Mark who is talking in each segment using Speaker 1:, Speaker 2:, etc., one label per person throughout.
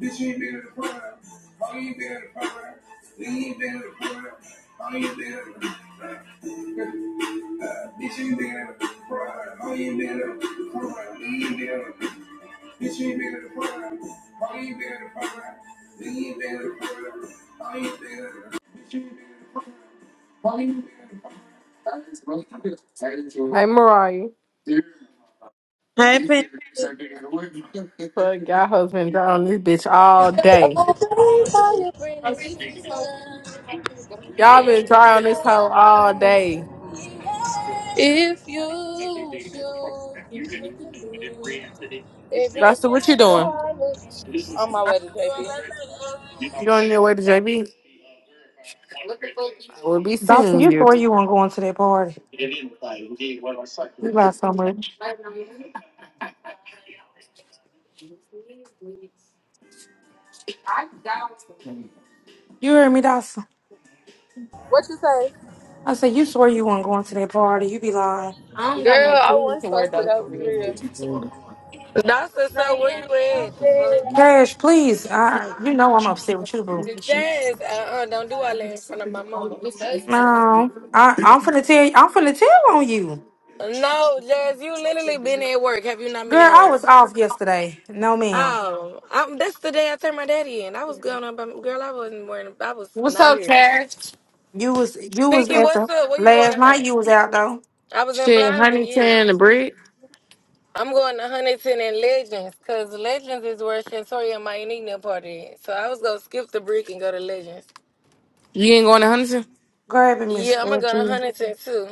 Speaker 1: Bitch, you ain't been in the program. How you ain't been in the program? You ain't been in the program. How you ain't been in the program? Uh, Bitch, you ain't been in the program. How you ain't been in the program? You ain't been in the program. Bitch, you ain't been in the program. How you ain't been in the program? You ain't been in the program. How you ain't been in the program? Bitch, you ain't been in the program. How you ain't been Mariah,
Speaker 2: Happened.
Speaker 1: fuck y'all husband down this bitch all day. Y'all been dry on this hoe all day.
Speaker 3: If you should, if you can live,
Speaker 1: Rasta, what you
Speaker 3: everything
Speaker 1: doing?
Speaker 3: regardless. On my way to JP.
Speaker 1: You on your way to JB? I will be
Speaker 4: Dawson,
Speaker 1: seeing
Speaker 4: you
Speaker 1: you.
Speaker 4: swore you weren't going to that party. You lie so much.
Speaker 1: I
Speaker 4: You heard me, Dawson.
Speaker 3: What you say?
Speaker 4: I said you swore you weren't going to that party. You be lying.
Speaker 1: don't got
Speaker 3: Girl,
Speaker 1: no
Speaker 3: I
Speaker 1: shoes
Speaker 3: wasn't
Speaker 1: to wear
Speaker 3: supposed to
Speaker 1: though
Speaker 3: go
Speaker 1: for
Speaker 3: for
Speaker 1: real.
Speaker 3: real.
Speaker 5: Dawson, so where you at? The fuck?
Speaker 4: Cash, please. I, you know I'm upset with you, boo.
Speaker 5: Jazz, uh-uh, don't do all that in front of my mama.
Speaker 4: No, I, I'm finna tell you. I'm finna tell on you,
Speaker 5: No, Jazz, you literally been at work. Have you not been
Speaker 4: girl.
Speaker 5: at
Speaker 4: I
Speaker 5: work?
Speaker 4: was off yesterday. No, ma'am.
Speaker 5: Oh, i that's the day I turned my daddy in. I was going up, um, girl. I wasn't wearing. I was
Speaker 1: What's
Speaker 5: not
Speaker 1: up,
Speaker 5: here.
Speaker 1: Cash?
Speaker 4: You was you was
Speaker 5: Pinky,
Speaker 4: at the
Speaker 5: what's up? Where you going
Speaker 4: last night.
Speaker 5: tonight?
Speaker 4: You was out though,
Speaker 5: I was in
Speaker 1: Shit,
Speaker 5: Blyver,
Speaker 1: Huntington and
Speaker 5: yes.
Speaker 1: Brick.
Speaker 5: I'm going to Huntington and Legends, cause Legends is where Shantoria and my unique party is. So I was gonna skip the brick and go to Legends.
Speaker 1: You ain't going to Huntington?
Speaker 4: grabbing me,
Speaker 5: Yeah, I'm gonna go to
Speaker 4: statue.
Speaker 5: Huntington too.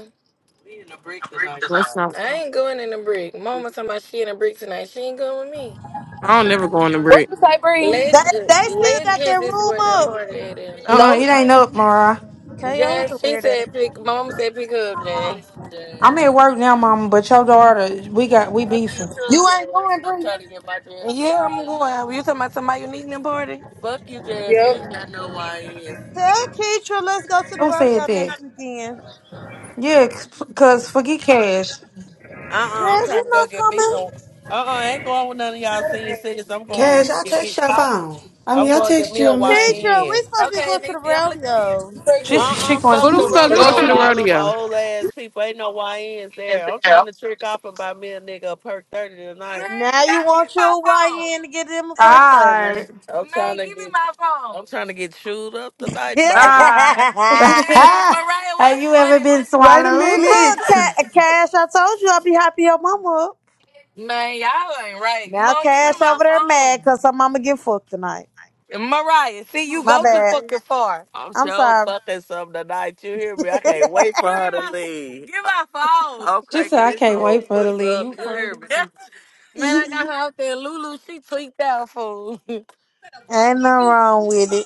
Speaker 5: We in a break tonight,
Speaker 1: That's
Speaker 5: y'all.
Speaker 1: not.
Speaker 5: I ain't going in a break. Mama talking about she in a break tonight. She ain't going with me. I
Speaker 1: I don't
Speaker 5: should be
Speaker 1: never go
Speaker 5: the
Speaker 1: on the
Speaker 5: first.
Speaker 3: What
Speaker 1: Brick.
Speaker 3: you say, Bree?
Speaker 2: They,
Speaker 5: Legend,
Speaker 2: they still got their
Speaker 5: legends is
Speaker 2: room
Speaker 5: where the
Speaker 2: up.
Speaker 5: party at in.
Speaker 4: Uh, uh
Speaker 3: Nope.
Speaker 4: it ain't up, Mara.
Speaker 2: KO is
Speaker 5: Jazz,
Speaker 2: a
Speaker 5: she
Speaker 2: weird ass.
Speaker 5: said pick. My mama said pick up Jazz. Jazz,
Speaker 4: I'm at work now, Mama. But your daughter, we got we
Speaker 5: fuck you
Speaker 4: beefing.
Speaker 5: too,
Speaker 3: You ain't
Speaker 5: Jazz.
Speaker 3: going,
Speaker 5: I'm trying
Speaker 3: Bree.
Speaker 5: to get my Jazz. Yeah, I'm going. You talking about somebody you need in the party? Fuck you, Jazz. You ain't got no YNs.
Speaker 2: Tell Keitra let's go to the
Speaker 4: Who
Speaker 2: rodeo
Speaker 4: said that?
Speaker 2: next weekend.
Speaker 4: Yeah, cause forget cash.
Speaker 5: Uh-uh, I'm
Speaker 2: Jazz,
Speaker 5: trying
Speaker 2: you
Speaker 5: to go
Speaker 2: not
Speaker 5: get me some.
Speaker 2: coming?
Speaker 5: Uh-uh, I ain't going with none of y'all senior citizens. I'm going
Speaker 6: Cash,
Speaker 5: with
Speaker 6: I
Speaker 5: get
Speaker 6: text
Speaker 5: me.
Speaker 6: your phone. I mean,
Speaker 5: I'm
Speaker 6: I
Speaker 5: going to get
Speaker 6: text
Speaker 5: me
Speaker 6: you
Speaker 5: a
Speaker 6: a message.
Speaker 2: Keitra, we
Speaker 5: YN.
Speaker 2: supposed to be
Speaker 5: Okay,
Speaker 2: going to the
Speaker 5: Nisi, I'm looking for you.
Speaker 2: rodeo.
Speaker 3: Yep.
Speaker 4: She said
Speaker 3: Pregnant.
Speaker 4: she
Speaker 5: Uh-uh,
Speaker 4: going
Speaker 1: Who
Speaker 5: fuck
Speaker 4: to
Speaker 1: the
Speaker 5: the
Speaker 1: fuck go
Speaker 5: rodeo
Speaker 1: to
Speaker 5: with
Speaker 1: the
Speaker 5: all them
Speaker 1: rodeo?
Speaker 5: old ass people. Ain't no YNs there. I'm trying to trick off and buy me a nigga a perk 30 tonight.
Speaker 2: Now
Speaker 5: Dang, God,
Speaker 2: you
Speaker 5: give
Speaker 2: want
Speaker 5: my
Speaker 2: your
Speaker 5: phone.
Speaker 2: YN to get them a perk 30.
Speaker 4: die.
Speaker 5: I'm trying Man, trying to give me get my phone. I'm trying to get chewed up tonight, baby.
Speaker 4: Die.
Speaker 5: Man,
Speaker 6: Ha!
Speaker 5: Mariah,
Speaker 4: Have
Speaker 5: what's
Speaker 4: you ever
Speaker 5: funny?
Speaker 4: been
Speaker 6: Wait a
Speaker 4: swallowed?
Speaker 6: minute.
Speaker 2: Look, Ca- Cash, I told you I'd be happy your mama up.
Speaker 5: Man, y'all ain't right.
Speaker 2: Now
Speaker 5: Mom, give me
Speaker 2: Cash
Speaker 5: my
Speaker 2: over there mad
Speaker 5: phone.
Speaker 2: because her mama get fucked tonight.
Speaker 5: Mariah, see you
Speaker 2: My
Speaker 5: go too
Speaker 2: bad.
Speaker 5: fucking far. I'm
Speaker 2: I'm
Speaker 5: sure
Speaker 2: sorry.
Speaker 5: fucking something tonight. You hear me? I can't wait for her to Give my- leave. Give my phone. I'm
Speaker 4: she said,
Speaker 5: cranking
Speaker 4: I
Speaker 5: this
Speaker 4: can't
Speaker 5: old
Speaker 4: wait for the
Speaker 5: puss
Speaker 4: leave.
Speaker 5: up.
Speaker 4: You
Speaker 5: You
Speaker 4: funny.
Speaker 5: hear me? Man, I got her out there. Lulu, she tweaked out fool.
Speaker 2: Ain't nothing wrong with it.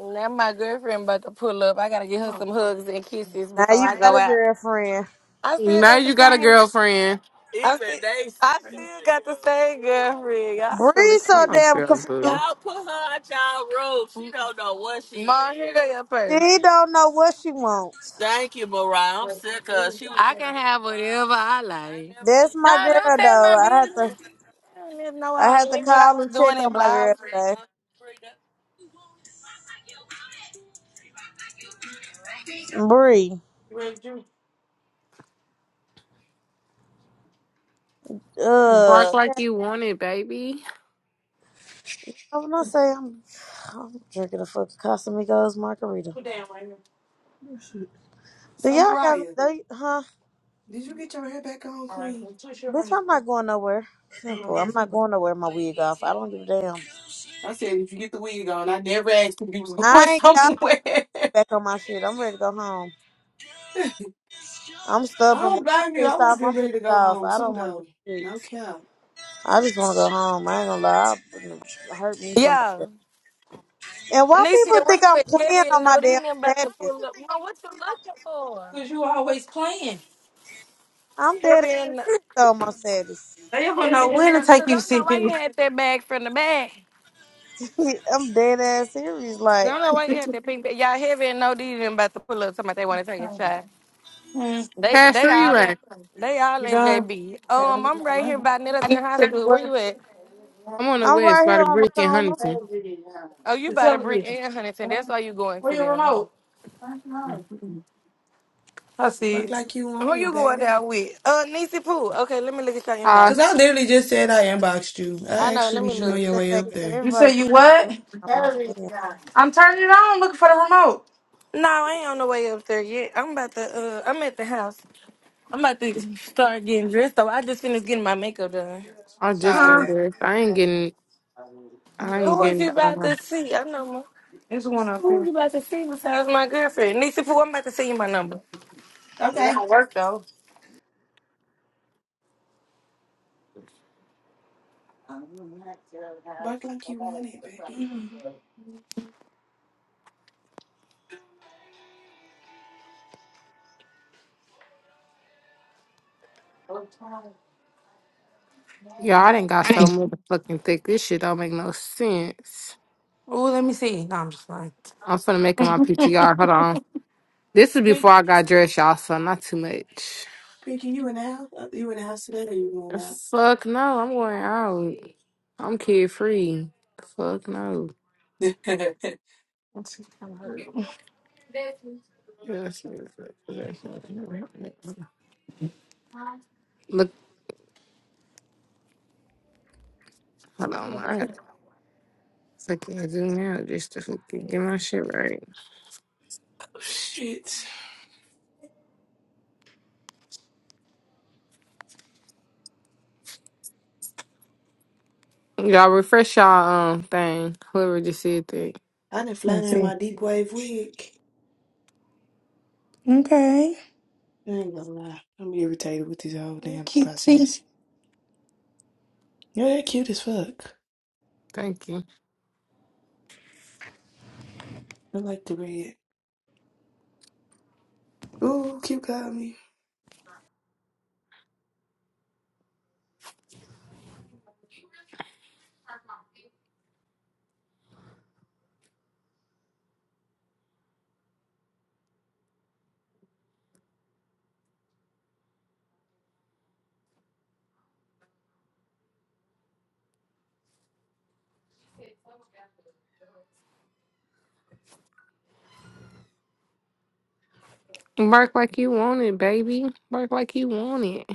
Speaker 5: now my girlfriend about to pull up. I gotta get her some hugs and kisses
Speaker 2: Now
Speaker 5: before
Speaker 2: you
Speaker 5: I
Speaker 2: got
Speaker 5: go
Speaker 2: a
Speaker 5: out.
Speaker 2: girlfriend.
Speaker 5: I still
Speaker 1: Now
Speaker 5: got the
Speaker 1: you got a
Speaker 5: same.
Speaker 1: girlfriend.
Speaker 5: I Even still, they I still got the same girlfriend. Y'all full
Speaker 2: Bree
Speaker 5: of
Speaker 2: so
Speaker 5: shit.
Speaker 1: Oh,
Speaker 2: damn
Speaker 1: girl,
Speaker 2: confused.
Speaker 1: boo.
Speaker 5: Y'all put her out y'all room. She don't know what she. Mom, here go your purse.
Speaker 2: She don't know what she wants.
Speaker 5: Thank you, Mariah. I'm
Speaker 4: Ray,
Speaker 5: sick of
Speaker 4: you
Speaker 5: she was. I can have whatever I like.
Speaker 2: That's
Speaker 5: No,
Speaker 2: my
Speaker 5: don't
Speaker 2: girl
Speaker 5: tell my
Speaker 2: though. I have to
Speaker 5: business. I don't even know
Speaker 2: I
Speaker 5: I,
Speaker 2: have to
Speaker 5: what I
Speaker 2: call
Speaker 5: was
Speaker 2: and check
Speaker 5: doing in
Speaker 2: on my girl
Speaker 5: Blouses.
Speaker 2: today. Bree.
Speaker 4: ready, Drew?
Speaker 2: Uh
Speaker 1: Bark like you want it, baby.
Speaker 2: when I say I'm I'm drinking a fucking Casamigos margarita.
Speaker 4: put down right here.
Speaker 2: Do
Speaker 6: So,
Speaker 2: y'all got me
Speaker 6: Mariah,
Speaker 2: they, huh?
Speaker 6: did you get your hair back on,
Speaker 4: All right,
Speaker 6: Queen?
Speaker 4: so twist your
Speaker 2: Bitch,
Speaker 4: hand.
Speaker 2: I'm not going nowhere. Simple. I'm
Speaker 6: Okay.
Speaker 2: not going nowhere with my wig off. I don't give a damn.
Speaker 6: I said, did you get the wig on? I never asked if you was
Speaker 2: I
Speaker 6: going
Speaker 2: ain't got
Speaker 6: somewhere.
Speaker 2: back on my shit. I'm ready to go home.
Speaker 6: I
Speaker 2: I'm stubborn. When
Speaker 6: don't
Speaker 2: I'm
Speaker 6: blame you. I
Speaker 2: pissed
Speaker 6: would have
Speaker 2: off.
Speaker 6: been
Speaker 2: I'm
Speaker 6: ready
Speaker 2: pissed
Speaker 6: to go
Speaker 2: off.
Speaker 6: home
Speaker 2: I
Speaker 6: too,
Speaker 2: don't want to
Speaker 6: though.
Speaker 2: do shit.
Speaker 6: No cap.
Speaker 2: I just want to go home. I ain't gonna lie. I hurt me somebody.
Speaker 5: Yeah.
Speaker 2: And why people
Speaker 5: Anisha, where
Speaker 2: think
Speaker 5: you
Speaker 2: I'm
Speaker 5: at?
Speaker 2: playing
Speaker 5: Heavy
Speaker 2: on
Speaker 5: and
Speaker 2: my
Speaker 5: no,
Speaker 2: damn
Speaker 5: these them about to
Speaker 2: status?
Speaker 5: pull up. No, what you looking for?
Speaker 4: Cause you always playing.
Speaker 2: I'm dead
Speaker 5: Heavy
Speaker 2: ass
Speaker 5: and no,
Speaker 2: serious though, on my status.
Speaker 4: They don't know
Speaker 5: heavy and
Speaker 4: when to
Speaker 5: no. 'Cause I
Speaker 4: take you
Speaker 5: don't know why you
Speaker 4: serious.
Speaker 5: had that bag from the back.
Speaker 2: I'm dead ass serious.
Speaker 5: I
Speaker 2: Like
Speaker 5: don't know why you had that pink bag. Y'all heavy and no, these them about to pull up. Somebody they want to take a shot.
Speaker 4: mm,
Speaker 5: They
Speaker 1: Cash,
Speaker 5: they
Speaker 1: where you
Speaker 5: all
Speaker 1: at?
Speaker 5: there. They
Speaker 4: you
Speaker 5: all in
Speaker 4: done?
Speaker 5: JB. Um, I'm right here by
Speaker 4: I
Speaker 5: Nettleton
Speaker 4: never
Speaker 5: High
Speaker 4: said you
Speaker 5: School. Where
Speaker 4: what?
Speaker 5: you at?
Speaker 1: I'm on the
Speaker 2: I'm right
Speaker 1: west by
Speaker 2: here
Speaker 1: the
Speaker 2: on the
Speaker 1: brick in
Speaker 2: corner.
Speaker 1: Huntington.
Speaker 5: Oh, you
Speaker 4: The
Speaker 5: bought to brick
Speaker 4: television.
Speaker 5: and Huntington. That's why you going
Speaker 4: Where
Speaker 5: to
Speaker 4: your
Speaker 5: them.
Speaker 4: remote? I see
Speaker 6: Work
Speaker 4: it.
Speaker 6: like you want
Speaker 5: Who
Speaker 6: it,
Speaker 5: you going
Speaker 2: It-
Speaker 6: baby.
Speaker 5: down with? Uh, Niecy Pooh. Okay, let me look at your
Speaker 1: Hi,
Speaker 6: Cause
Speaker 5: inbox.
Speaker 6: I literally just said I inboxed you.
Speaker 5: I
Speaker 6: I
Speaker 5: know.
Speaker 6: actually
Speaker 5: Let me
Speaker 6: was you on
Speaker 2: It's
Speaker 5: look.
Speaker 6: your
Speaker 2: the
Speaker 6: way
Speaker 2: fact
Speaker 6: up
Speaker 2: that
Speaker 6: there.
Speaker 4: You said
Speaker 2: everybody think
Speaker 4: you
Speaker 2: I'm
Speaker 4: what?
Speaker 2: playing. I'm not playing.
Speaker 4: I'm turning it on, looking for the remote.
Speaker 5: No, I ain't on the way up there yet. I'm about to. Uh, I'm at the house. I'm about to start getting dressed. Though I just finished getting my makeup done.
Speaker 1: I just
Speaker 6: Oh,
Speaker 1: got
Speaker 4: Huh?
Speaker 6: okay.
Speaker 1: dressed. I ain't getting, I ain't
Speaker 5: Who is
Speaker 1: getting,
Speaker 5: you about
Speaker 1: uh,
Speaker 5: to see? I know. My,
Speaker 4: There's one up here.
Speaker 5: who you
Speaker 4: It
Speaker 5: about to see besides my girlfriend? Niecy Pooh. I'm about to send you my number.
Speaker 6: Okay.
Speaker 4: don't work though.
Speaker 6: Work like you want it,
Speaker 1: yeah, I didn't got so motherfucking thick. This shit don't make no sense.
Speaker 4: Oh, let me see. No, I'm just lying.
Speaker 1: I'm finna make it my PTR. Hold on. This is
Speaker 6: baby.
Speaker 1: before I got dressed, y'all, so not too much.
Speaker 6: Pinky, you in the house? Uh, You in the house today or you going
Speaker 1: Fuck no, I'm going out. I'm kid free. Fuck no.
Speaker 6: out?
Speaker 4: Let's see. I'm hurt.
Speaker 1: Yes, yes, yes, yes. yes. Look, hold on. I gotta fucking zoom out just to fucking get my shit right.
Speaker 6: oh, shit.
Speaker 1: Y'all refresh y'all um thing. Whoever just said that.
Speaker 6: I done
Speaker 4: Let me
Speaker 6: flying in
Speaker 4: see.
Speaker 6: my deep wave wig.
Speaker 4: Okay.
Speaker 6: I ain't gonna lie. I'm irritated with this whole damn
Speaker 4: Kitty.
Speaker 6: process. Yeah, they're cute as fuck.
Speaker 1: Thank you.
Speaker 6: I like the red. Ooh, cute got
Speaker 1: Work like you want it, baby. Work like you want it.